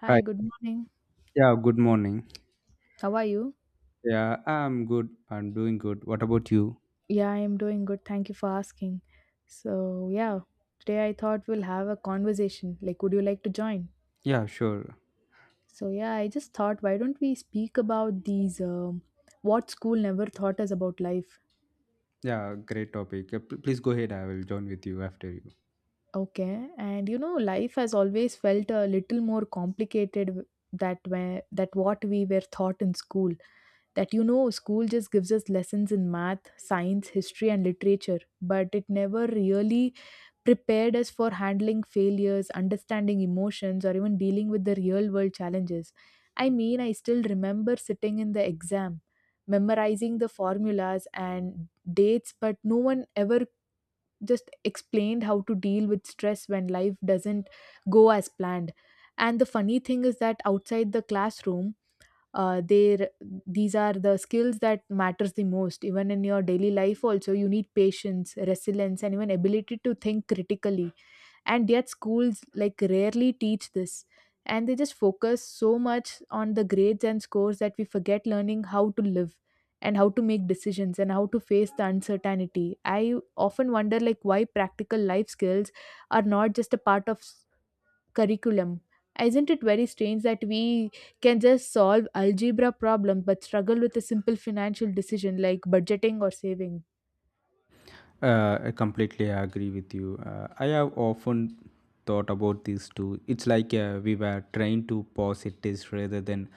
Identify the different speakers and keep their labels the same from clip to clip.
Speaker 1: Hi,
Speaker 2: Hi.
Speaker 1: good morning.
Speaker 2: Yeah, good morning.
Speaker 1: How are you?
Speaker 2: Yeah, I'm good. I'm doing good. What about you?
Speaker 1: Yeah, I'm doing good. Thank you for asking. So, yeah, today I thought we'll have a conversation. Like, would you like to join?
Speaker 2: Yeah, sure.
Speaker 1: So, yeah, I just thought, why don't we speak about these what school never taught us about life?
Speaker 2: Yeah, great topic. Yeah, please go ahead. I will join with you after you.
Speaker 1: Okay, and you know, life has always felt a little more complicated that where that what we were taught in school. That you know, school just gives us lessons in math, science, history, and literature, but it never really prepared us for handling failures, understanding emotions, or even dealing with the real world challenges. I mean, I still remember sitting in the exam, memorizing the formulas and dates, but no one ever just explained how to deal with stress when life doesn't go as planned. And the funny thing is that outside the classroom, there these are the skills that matters the most, even in your daily life also you need patience, resilience, and even ability to think critically, and yet schools like rarely teach this, and they just focus so much on the grades and scores that we forget learning how to live and how to make decisions and how to face the uncertainty. I often wonder like why practical life skills are not just a part of curriculum. Isn't it very strange that we can just solve algebra problems but struggle with a simple financial decision like budgeting or saving?
Speaker 2: I completely agree with you. I have often thought about this too. It's like we were trained to pause it is rather than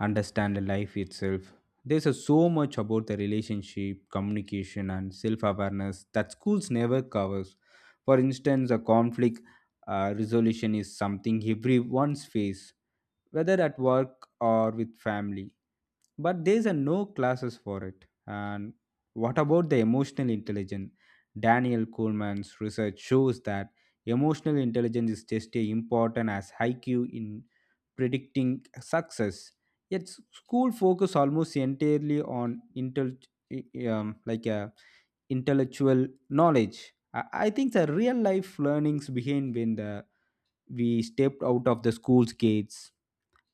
Speaker 2: understand life itself. There's a so much about the relationship, communication, and self-awareness that schools never covers. For instance, a conflict resolution is something everyone's face whether at work or with family. But there's a no classes for it. And what about the emotional intelligence? Daniel Kahneman's research shows that emotional intelligence is just as important as IQ in predicting success. Yet school focus almost entirely on intel- I- like a intellectual knowledge. I think the real life learnings behind when the we stepped out of the school's gates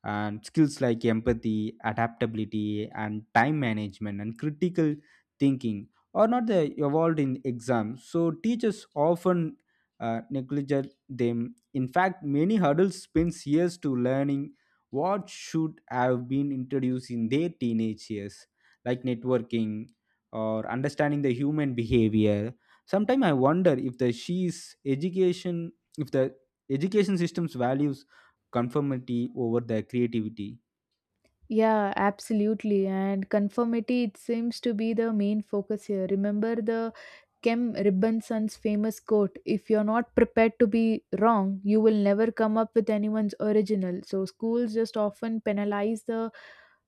Speaker 2: and skills like empathy adaptability and time management and critical thinking are not the evolved in exams, so teachers often neglect them. In fact, many adults spend years to learning what should have been introduced in their teenage years, like networking or understanding the human behavior. Sometimes I wonder if the she's education, if the education system's values conformity over the creativity.
Speaker 1: Yeah, absolutely. And conformity, it seems to be the main focus here. Remember the Kem Ribbinson's famous quote, "If you're not prepared to be wrong, you will never come up with anyone's original." So, schools just often penalize the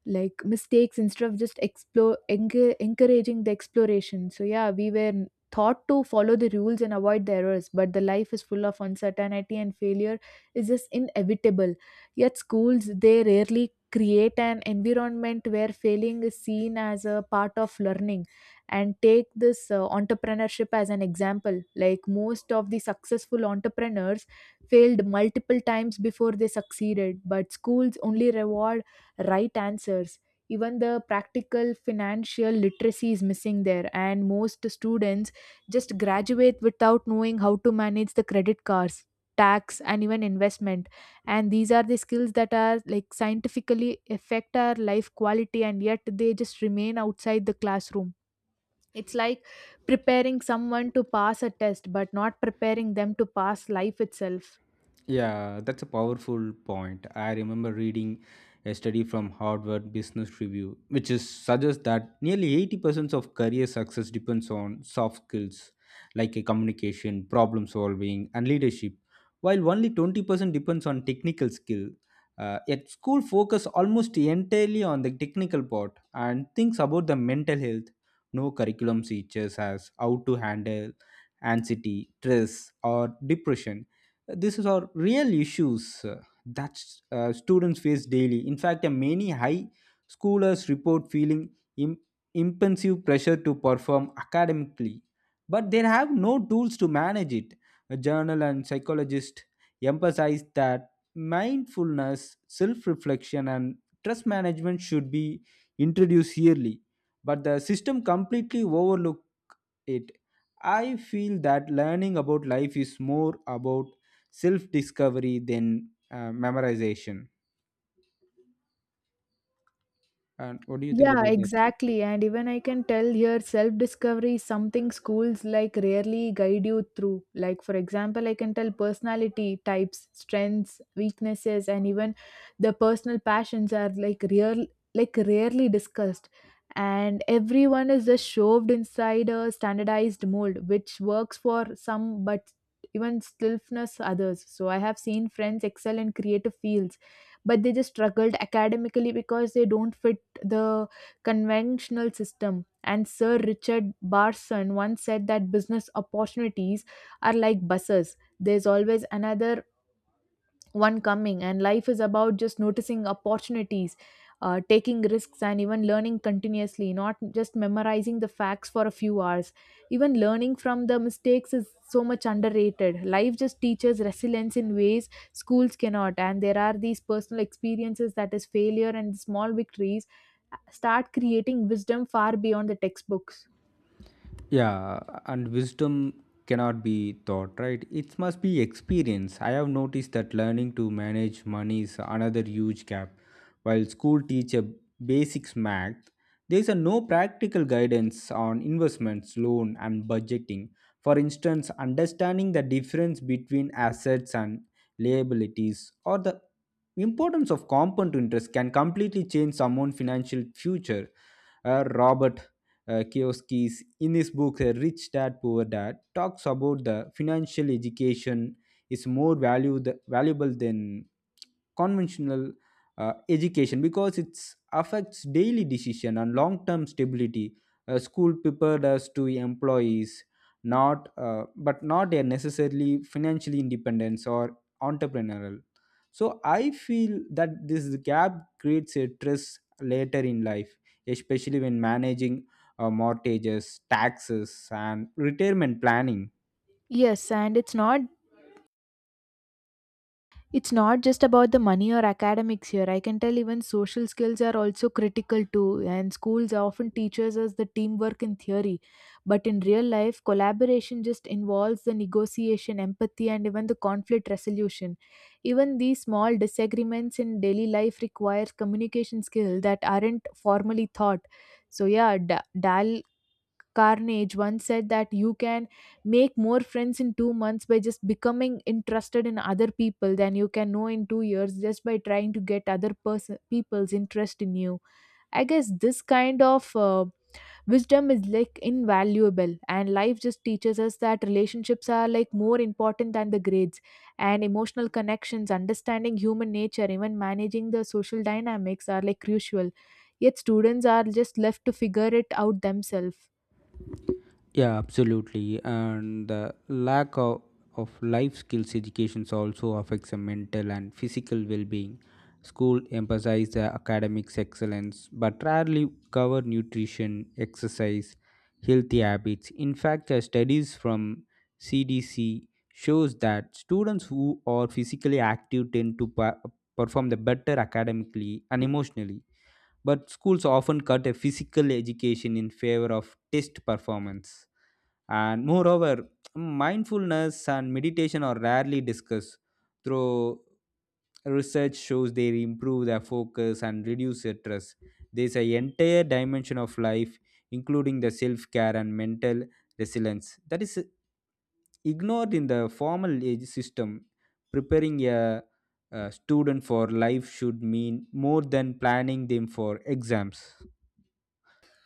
Speaker 1: like mistakes instead of just encouraging the exploration. So yeah, we were taught to follow the rules and avoid the errors, but the life is full of uncertainty and failure is just inevitable. Yet schools, they rarely create an environment where failing is seen as a part of learning. And take this entrepreneurship as an example. Like most of the successful entrepreneurs failed multiple times before they succeeded, but schools only reward right answers. Even the practical financial literacy is missing there, and most students just graduate without knowing how to manage the credit cards, tax, and even investment. And these are the skills that are like scientifically affect our life quality, and yet they just remain outside the classroom. It's like preparing someone to pass a test but not preparing them to pass life itself.
Speaker 2: Yeah, that's a powerful point. I remember reading a study from Harvard Business Review, which is suggests that nearly 80% of career success depends on soft skills like a communication, problem solving, and leadership, while only 20% depends on technical skill. Yet school focus almost entirely on the technical part and thinks about the mental health. No curriculum teaches us how to handle anxiety, stress, or depression. These are real issues that students face daily. In fact, many high schoolers report feeling Im- impensive pressure to perform academically, but they have no tools to manage it. A journal and psychologist emphasize that mindfulness, self reflection, and stress management should be introduced yearly, but the system completely overlooks it. I feel that learning about life is more about self discovery than memorization. And what do you think
Speaker 1: Yeah,
Speaker 2: about that?
Speaker 1: exactly. And even I can tell here self discovery is something schools like rarely guide you through. Like, for example, I can tell personality types, strengths, weaknesses, and even the personal passions are like real, like rarely discussed. And everyone is just shoved inside a standardized mold, which works for some but even stillness others. So I have seen friends excel in creative fields, but they just struggled academically because they don't fit the conventional system. And Sir Richard Barson once said that business opportunities are like buses. There's always another one coming, and life is about just noticing opportunities, taking risks, and even learning continuously, not just memorizing the facts for a few hours. Even learning from the mistakes is so much underrated. Life just teaches resilience in ways schools cannot, and there are these personal experiences that is failure and small victories start creating wisdom far beyond the textbooks.
Speaker 2: Yeah, and wisdom cannot be taught, right? It must be experience. I have noticed that learning to manage money is another huge gap. While school teach a basics math, there is a no practical guidance on investments, loan, and budgeting. For instance, understanding the difference between assets and liabilities, or the importance of compound interest, can completely change someone's financial future. Robert Kiyosaki's in his book, Rich Dad Poor Dad, talks about the financial education is more valuable than conventional education, because it affects daily decision and long-term stability. School prepared us to employees, not a necessarily financially independence or entrepreneurial. So I feel that this gap creates a stress later in life, especially when managing mortgages, taxes, and retirement planning.
Speaker 1: Yes, and it's not, it's not just about the money or academics here. I can tell even social skills are also critical too, and schools often teaches us the teamwork in theory. But in real life, collaboration just involves the negotiation, empathy, and even the conflict resolution. Even these small disagreements in daily life requires communication skill that aren't formally taught. So yeah, dal Carnage once said that you can make more friends in 2 months by just becoming interested in other people than you can know in 2 years just by trying to get other person people's interest in you. I guess this kind of wisdom is like invaluable, and life just teaches us that relationships are like more important than the grades, and emotional connections, understanding human nature, even managing the social dynamics are like crucial. Yet students are just left to figure it out themselves.
Speaker 2: Yeah, absolutely. And the lack of life skills education also affects the mental and physical well being. School emphasize the academics excellence, but rarely cover nutrition, exercise, healthy habits. In fact, the studies from CDC shows that students who are physically active tend to perform the better academically and emotionally. But schools often cut a physical education in favor of test performance. And moreover, mindfulness and meditation are rarely discussed, though research shows they improve their focus and reduce stress. There's an entire dimension of life, including the self care and mental resilience, that is ignored in the formal age system. Preparing a student for life should mean more than planning them for exams.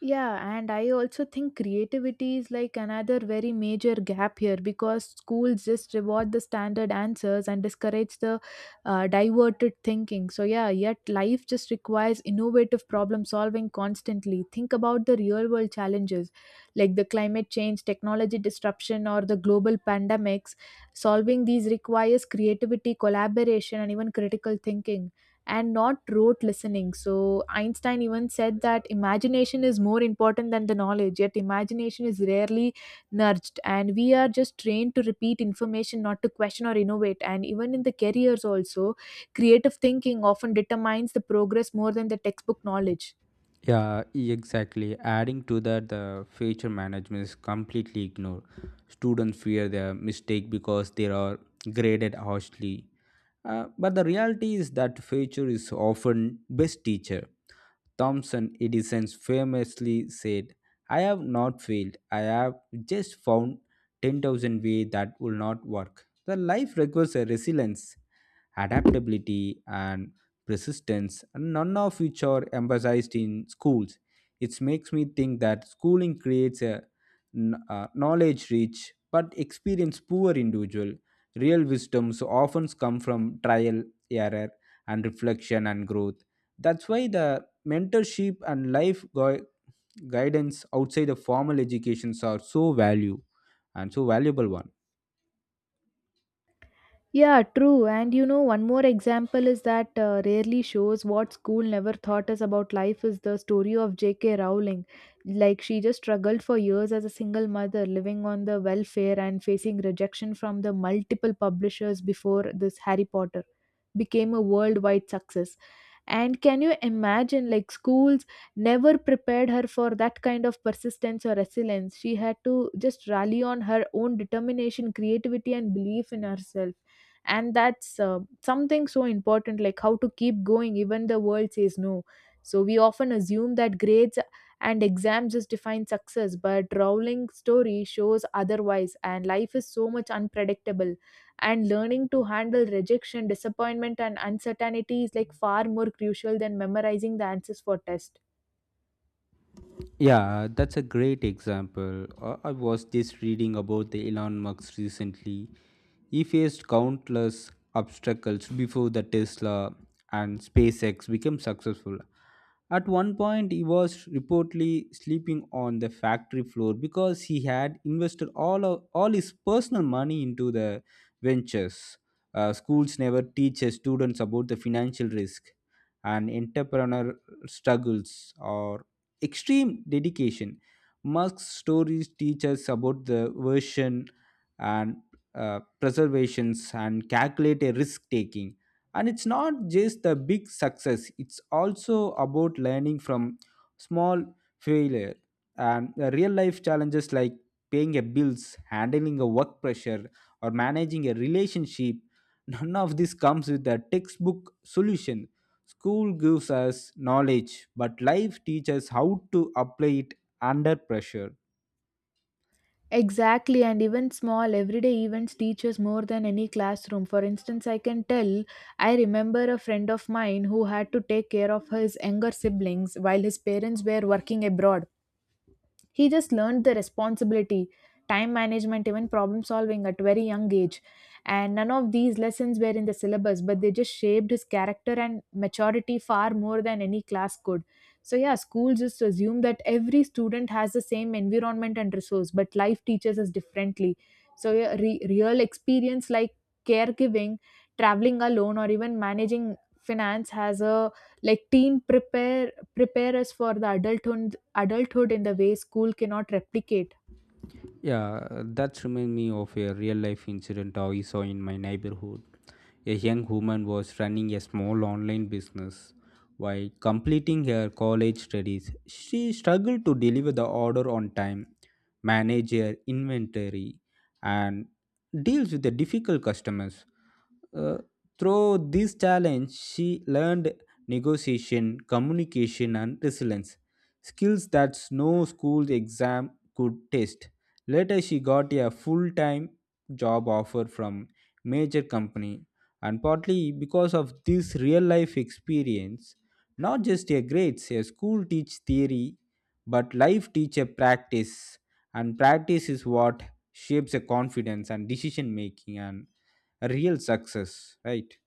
Speaker 1: Yeah, and I also think creativity is like another very major gap here because schools just reward the standard answers and discourage the diverted thinking. So, yeah, yet life just requires innovative problem solving constantly. Think about the real world challenges like the climate change, technology disruption, or the global pandemics. Solving these requires creativity, collaboration, and even critical thinking and not rote listening. So, Einstein even said that imagination is more important than the knowledge, yet imagination is rarely nudged. And we are just trained to repeat information, not to question or innovate. And even in the careers, also, creative thinking often determines the progress more than the textbook knowledge.
Speaker 2: Yeah, exactly. Adding to that, the future management is completely ignored. Students fear their mistake because they are graded harshly. But the reality is that future is often best teacher. Thomson Edison famously said, "I have not failed. I have just found 10,000 ways that will not work." The life requires a resilience, adaptability, and persistence, and none of which are emphasized in schools. It makes me think that schooling creates a knowledge rich but experience poor individual. Real wisdoms often come from trial, error, and reflection and growth. That's why the mentorship and guidance outside the formal educations are so value and so valuable one.
Speaker 1: Yeah, true. And you know, one more example is that rarely shows what school never taught us about life is the story of J.K. Rowling. Like, she just struggled for years as a single mother, living on the welfare and facing rejection from the multiple publishers before this Harry Potter became a worldwide success. And can you imagine, like, schools never prepared her for that kind of persistence or resilience. She had to just rally on her own determination, creativity, and belief in herself. And that's something so important, like how to keep going even the world says no. So we often assume that grades and exams just define success, but Rowling's story shows otherwise, and life is so much unpredictable, and learning to handle rejection, disappointment, and uncertainty is like far more crucial than memorizing the answers for test.
Speaker 2: Yeah, that's a great example. I was just reading about the Elon Musk recently. He faced countless obstacles before the Tesla and SpaceX became successful. At one point, he was reportedly sleeping on the factory floor because he had invested all his personal money into the ventures. Schools never teach their students about the financial risk and entrepreneur struggles or extreme dedication. Musk's stories teach us about the version and preservations and calculate a risk taking. And it's not just the big success, it's also about learning from small failure and the real life challenges like paying a bills, handling a work pressure, or managing a relationship. None of this comes with a textbook solution. School gives us knowledge, but life teaches how to apply it under pressure.
Speaker 1: Exactly, and even small everyday events teach us more than any classroom. For instance, I can tell I remember a friend of mine who had to take care of his younger siblings while his parents were working abroad. He just learned the responsibility, time management, even problem solving at very young age. And none of these lessons were in the syllabus, but they just shaped his character and maturity far more than any class could. So, yeah, school just assume that every student has the same environment and resource, but life teaches us differently. So, yeah, real experience like caregiving, traveling alone, or even managing finance has a like teen prepare us for the adulthood in the way school cannot replicate.
Speaker 2: Yeah, that reminds me of a real life incident I saw in my neighborhood. A young woman was running a small online business. While completing her college studies, she struggled to deliver the order on time, manage her inventory, and deals with the difficult customers. Uh, Through this challenge, she learned negotiation, communication, and resilience skills that no school exam could test. Later, she got a full time job offer from major company, and partly because of this real life experience, not just a grades. A school teach theory, but life teach a practice, and practice is what shapes a confidence and decision making and real success, right?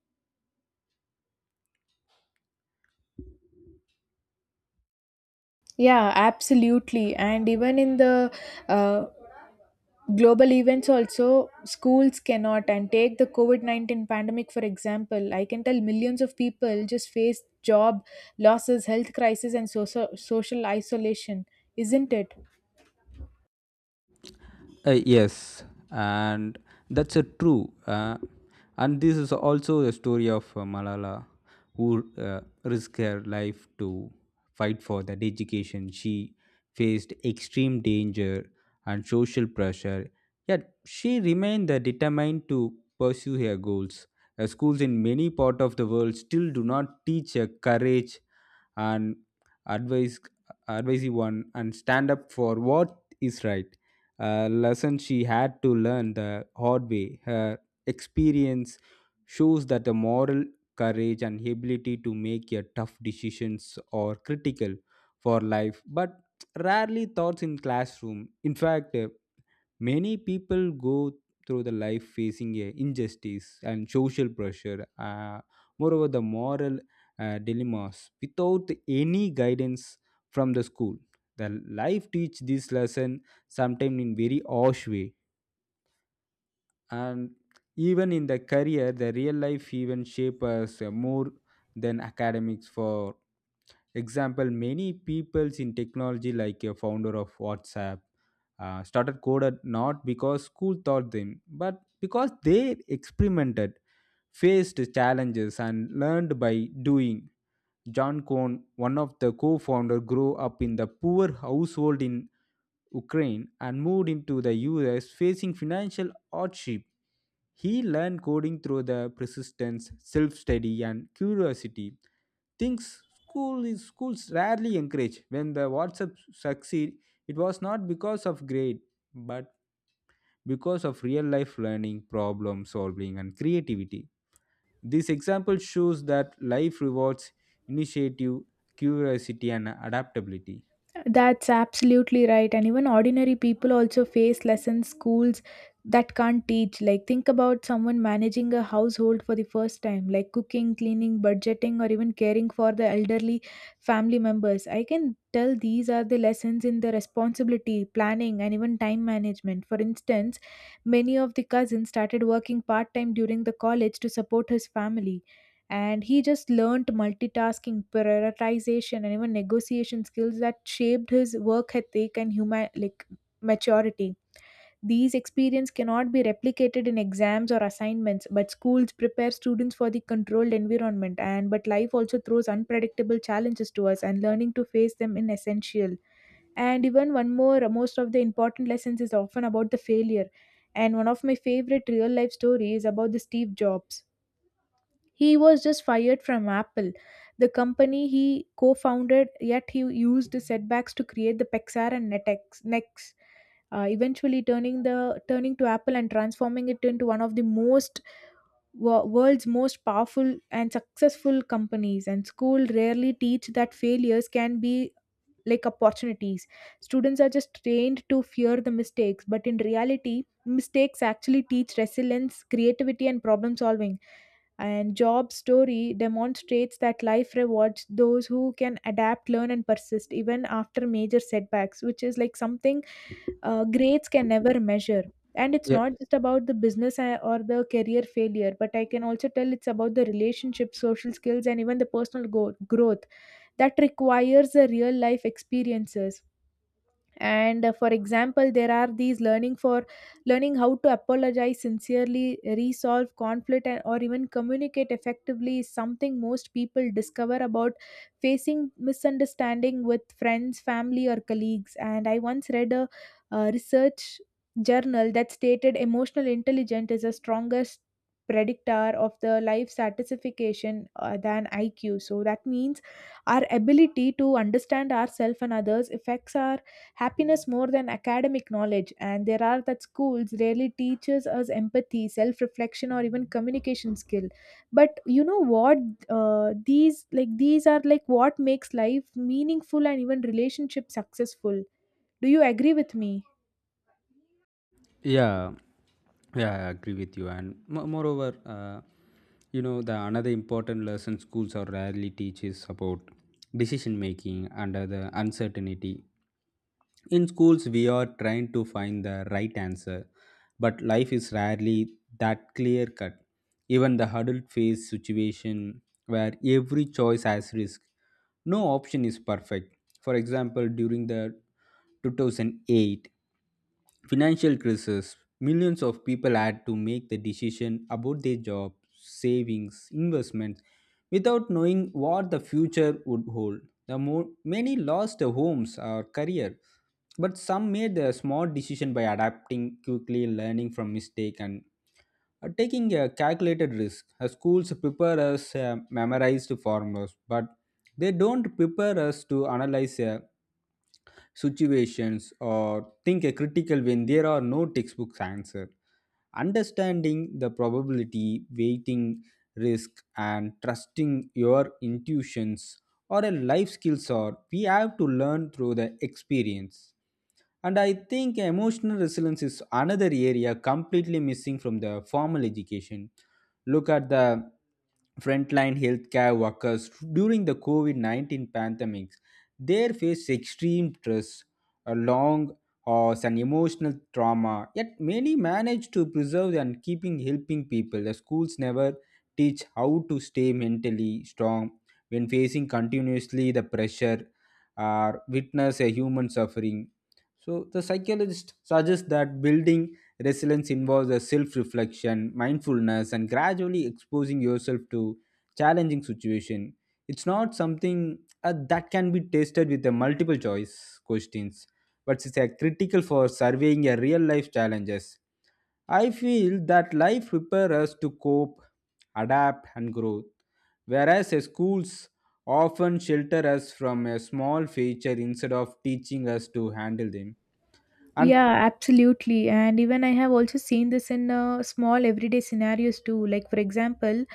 Speaker 1: Yeah, absolutely. And even in the uh, global events, also, schools cannot. And take the COVID 19 pandemic, for example. I can tell millions of people just faced job losses, health crisis, and social, social isolation, isn't it?
Speaker 2: Yes, and that's a true. And this is also a story of Malala, who risked her life to fight for that education. She faced extreme danger and social pressure, yet she remained determined to pursue her goals. Schools in many parts of the world still do not teach courage and advise, advise one and stand up for what is right, a lesson she had to learn the hard way. Her experience shows that the moral courage and ability to make a tough decisions are critical for life, but rarely taught in classroom. In fact, many people go through the life facing a injustice and social pressure, moreover, the moral dilemmas without any guidance from the school. The life teach this lesson sometimes in very harsh way. And even in the career, the real life even shape us more than academics. For example, many peoples in technology, like a founder of WhatsApp, started coded not because school taught them but because they experimented, faced challenges, and learned by doing. John Cohn, one of the co-founders, grew up in the poor household in Ukraine and moved into the US facing financial hardship. He learned coding through the persistence, self-study, and curiosity. Things schools rarely encourage. When the WhatsApp succeed, it was not because of grade, but because of real life learning, problem solving, and creativity. This example shows that life rewards initiative, curiosity, and adaptability.
Speaker 1: That's absolutely right. And even ordinary people also face lessons schools that can't teach. Like, think about someone managing a household for the first time, like cooking, cleaning, budgeting, or even caring for the elderly family members. I can tell these are the lessons in the responsibility, planning, and even time management. For instance, many of the cousins started working part time during the college to support his family, and he just learned multitasking, prioritization, and even negotiation skills that shaped his work ethic and human like maturity. These experience cannot be replicated in exams or assignments, but schools prepare students for the controlled environment, and but life also throws unpredictable challenges to us, and learning to face them is essential. And even one more most of the important lessons is often about the failure. And one of my favorite real life stories about the Steve Jobs, he was just fired from Apple, the company he co founded, yet he used the setbacks to create the Pixar and Nex, eventually turning to Apple and transforming it into one of the world's most powerful and successful companies. And school rarely teach that failures can be like opportunities. Students are just trained to fear the mistakes, but in reality, mistakes actually teach resilience, creativity, and problem solving, and job story demonstrates that life rewards those who can adapt, learn, and persist even after major setbacks, which is like something grades can never measure. And it's
Speaker 2: Yeah,
Speaker 1: not just about the business or the career failure, but I can also tell it's about the relationship, social skills, and even the personal growth that requires the real life experiences. And for example, there are these learning how to apologize sincerely, resolve conflict, and, or even communicate effectively is something most people discover about facing misunderstanding with friends, family, or colleagues. And I once read a research journal that stated emotional intelligence is the strongest predictor of the life satisfaction, than IQ. So that means our ability to understand ourselves and others affects our happiness more than academic knowledge. And there are that schools rarely teaches us empathy, self-reflection, or even communication skill. But you know what, these are like what makes life meaningful and even relationship successful. Do you agree with me?
Speaker 2: yeah, yeah, I agree with you. And moreover, you know the another important lesson schools are rarely teach is about decision making under the uncertainty. In schools we are trying to find the right answer, but life is rarely that clear cut. Even the adult face situation where every choice has risk. No option is perfect. For example, during the 2008 financial crisis, millions of people had to make the decision about their job, savings, investments without knowing what the future would hold. The more many lost their homes or career, but some made a smart decision by adapting quickly, learning from mistake, and taking a calculated risk. Schools prepare us memorized formulas, but they don't prepare us to analyze situations or think a critical when there are no textbooks answer. Understanding the probability, weighting risk, and trusting your intuitions or a life skills are we have to learn through the experience. And I think emotional resilience is another area completely missing from the formal education. Look at the frontline healthcare workers during the COVID 19 pandemics. They face extreme stress, a long hours, and emotional trauma. Yet many manage to preserve and keeping helping people. The schools never teach how to stay mentally strong when facing continuously the pressure or witness a human suffering. So the psychologist suggests that building resilience involves a self-reflection, mindfulness, and gradually exposing yourself to challenging situation. It's not something that can be tested with the multiple choice questions, but it's a critical for surveying your real life challenges. I feel that life prepares us to cope, adapt, and grow, whereas schools often shelter us from a small future instead of teaching us to handle them. And
Speaker 1: Yeah, absolutely. And even I have also seen this in small everyday scenarios too. Like, for example,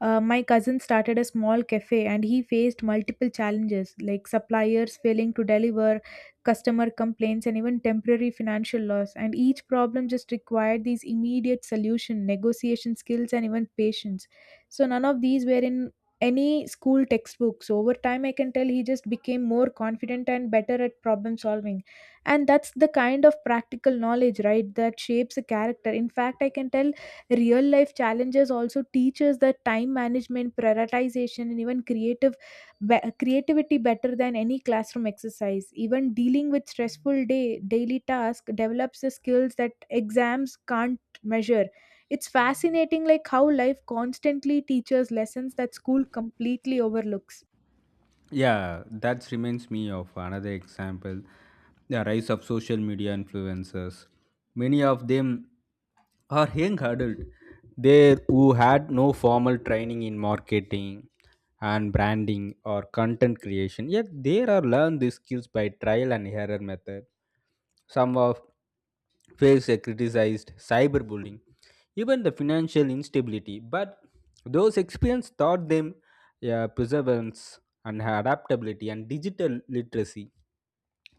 Speaker 1: my cousin started a small cafe and he faced multiple challenges like suppliers failing to deliver, customer complaints, and even temporary financial loss. And each problem just required these immediate solution, negotiation skills, and even patience. So, none of these were in any school textbooks. Over time, I can tell he just became more confident and better at problem solving, and that's the kind of practical knowledge, right, that shapes a character. In fact, I can tell real life challenges also teaches that time management, prioritization, and even creativity better than any classroom exercise. Even dealing with stressful day daily task develops the skills that exams can't measure. It's fascinating like how life constantly teaches lessons that school completely overlooks.
Speaker 2: Yeah, that reminds me of another example, the rise of social media influencers. Many of them are young adult there who had no formal training in marketing and branding or content creation, yet they are learned these skills by trial and error method. Some of face a criticized cyberbullying, even the financial instability, but those experience taught them, yeah, perseverance and adaptability and digital literacy.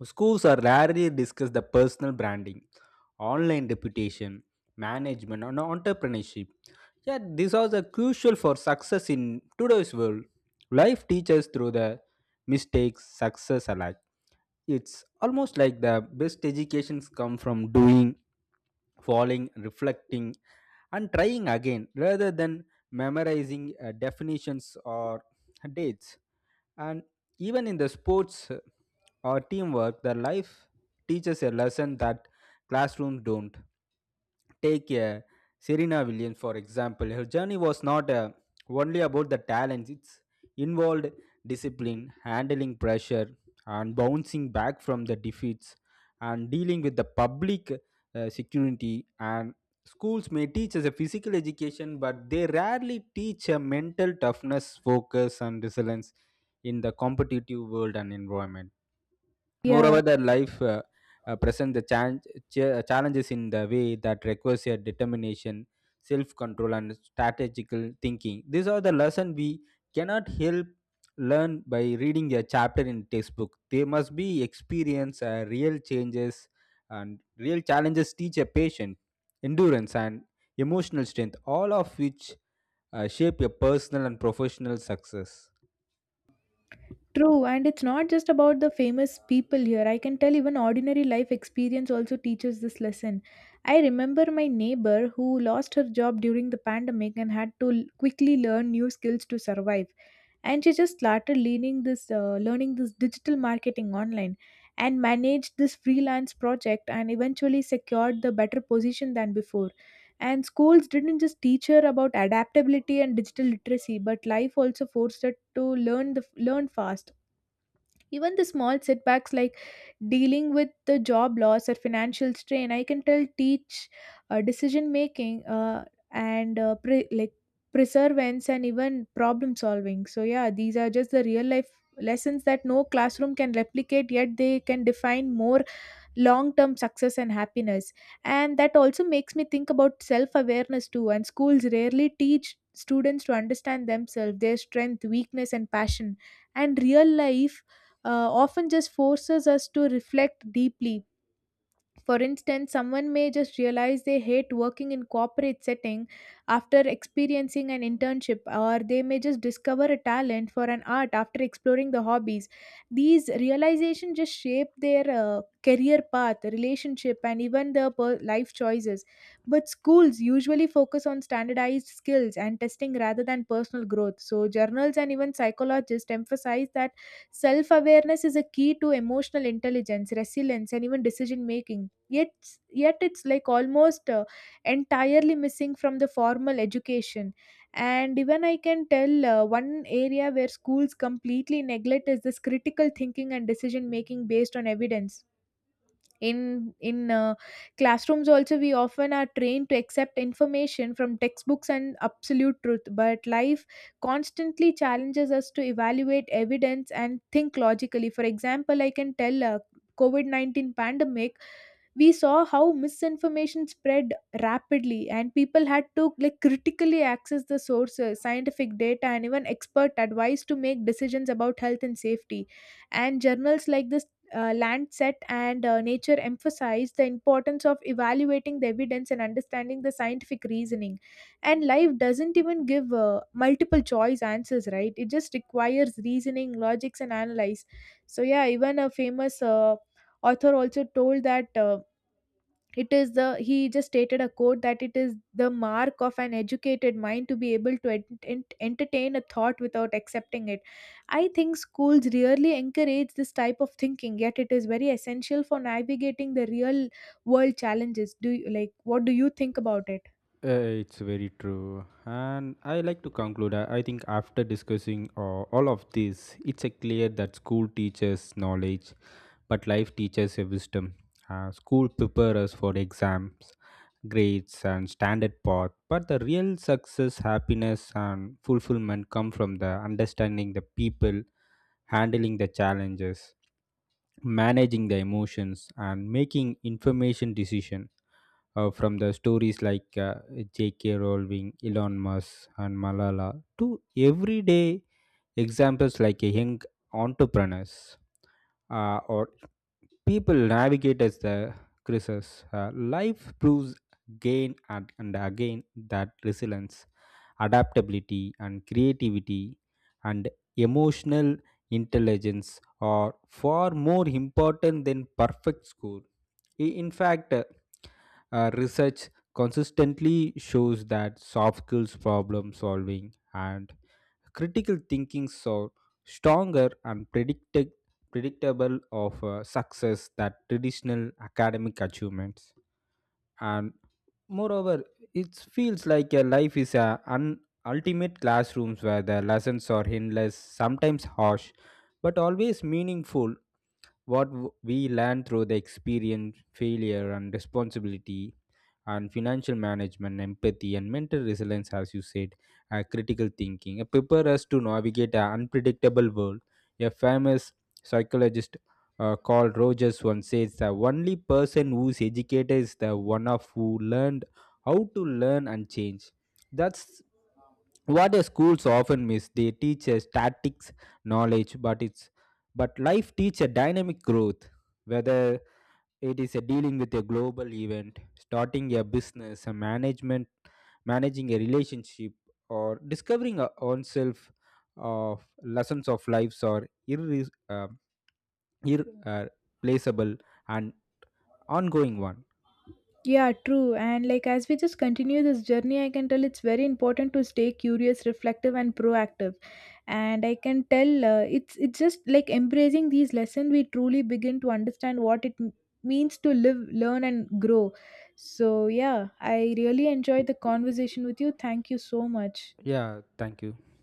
Speaker 2: Schools are rarely discuss the personal branding, online reputation, management, and entrepreneurship. Yet these are the crucial for success in today's world. Life teaches through the mistakes, success alike. It's almost like the best educations come from doing, falling, reflecting, and trying again rather than memorizing definitions or dates. And even in the sports or teamwork, the life teaches a lesson that classrooms don't. Take Serena Williams, for example. Her journey was not only about the talents, it's involved discipline, handling pressure, and bouncing back from the defeats, and dealing with the public security. And schools may teach us a physical education, but they rarely teach a mental toughness, focus, and resilience in the competitive world and environment.
Speaker 1: Yeah.
Speaker 2: Moreover, the life presents the challenges in the way that requires your determination, self control, and strategical thinking. These are the lessons we cannot help learn by reading a chapter in textbook. They must be experienced, real changes, and real challenges teach a patient endurance and emotional strength, all of which shape your personal and professional success.
Speaker 1: True, and it's not just about the famous people here. I can tell even ordinary life experience also teaches this lesson. I remember my neighbor who lost her job during the pandemic and had to quickly learn new skills to survive. And she just started learning this digital marketing online, and managed this freelance project and eventually secured the better position than before. And schools didn't just teach her about adaptability and digital literacy, but life also forced her to learn fast. Even the small setbacks like dealing with the job loss or financial strain, I can tell teach decision making, and like perseverance and even problem solving. So yeah, these are just the real life lessons that no classroom can replicate, yet they can define more long term success and happiness. And that also makes me think about self awareness too. And schools rarely teach students to understand themselves, their strength, weakness, and passion. And real life often just forces us to reflect deeply. For instance, someone may just realize they hate working in corporate setting after experiencing an internship, or they may just discover a talent for an art after exploring the hobbies. These realizations just shape their career path, relationship, and even their life choices. But schools usually focus on standardized skills and testing rather than personal growth. So journals and even psychologists emphasize that self-awareness is a key to emotional intelligence, resilience, and even decision making. yet Yet it's like almost entirely missing from the formal education. And even I can tell one area where schools completely neglect is this critical thinking and decision making based on evidence. In classrooms also, we often are trained to accept information from textbooks and absolute truth, but life constantly challenges us to evaluate evidence and think logically. For example, I can tell COVID-19 pandemic, we saw how misinformation spread rapidly, and people had to like critically access the sources, scientific data, and even expert advice to make decisions about health and safety. And journals like this Lancet and Nature emphasized the importance of evaluating the evidence and understanding the scientific reasoning. And life doesn't even give multiple choice answers, right? It just requires reasoning, logics, and analyze. So yeah, even a famous author also told that. It is the He just stated a quote that it is the mark of an educated mind to be able to entertain a thought without accepting it. I think schools rarely encourage this type of thinking, yet it is very essential for navigating the real world challenges. Do you like What do you think about it?
Speaker 2: It's very true. And I like to conclude. I think after discussing all of this, it's a clear that school teaches knowledge, but life teaches a wisdom. School prepares us for exams, grades, and standard path. But the real success, happiness, and fulfillment come from the understanding the people, handling the challenges, managing the emotions, and making information decision, from the stories like J.K. Rowling, Elon Musk, and Malala to everyday examples like a young entrepreneurs, or people navigate as the crisis. Life proves again and again that resilience, adaptability, and creativity and emotional intelligence are far more important than perfect score. In fact, research consistently shows that soft skills, problem solving, and critical thinking are stronger and predictable of success that traditional academic achievements. And moreover, it feels like a life is a ultimate classrooms where the lessons are endless, sometimes harsh but always meaningful. What we learn through the experience, failure and responsibility, and financial management, empathy, and mental resilience, as you said, critical thinking. Prepare us to navigate an unpredictable world. A famous psychologist called Rogers once says the only person who's educated is the one of who learned how to learn and change. That's what the schools often miss. They teach us tactics, knowledge, but it's but life teaches dynamic growth, whether it is a dealing with a global event, starting a business, a management, managing a relationship, or discovering our own self of lessons of lives are irre- uh, irreplaceable and ongoing one.
Speaker 1: Yeah, true. And like as we just continue this journey, I can tell it's very important to stay curious, reflective, and proactive. And I can tell, it's just like embracing these lessons, we truly begin to understand what it means to live, learn, and grow. So yeah, I really enjoyed the conversation with you. Thank you so much.
Speaker 2: Yeah, thank you.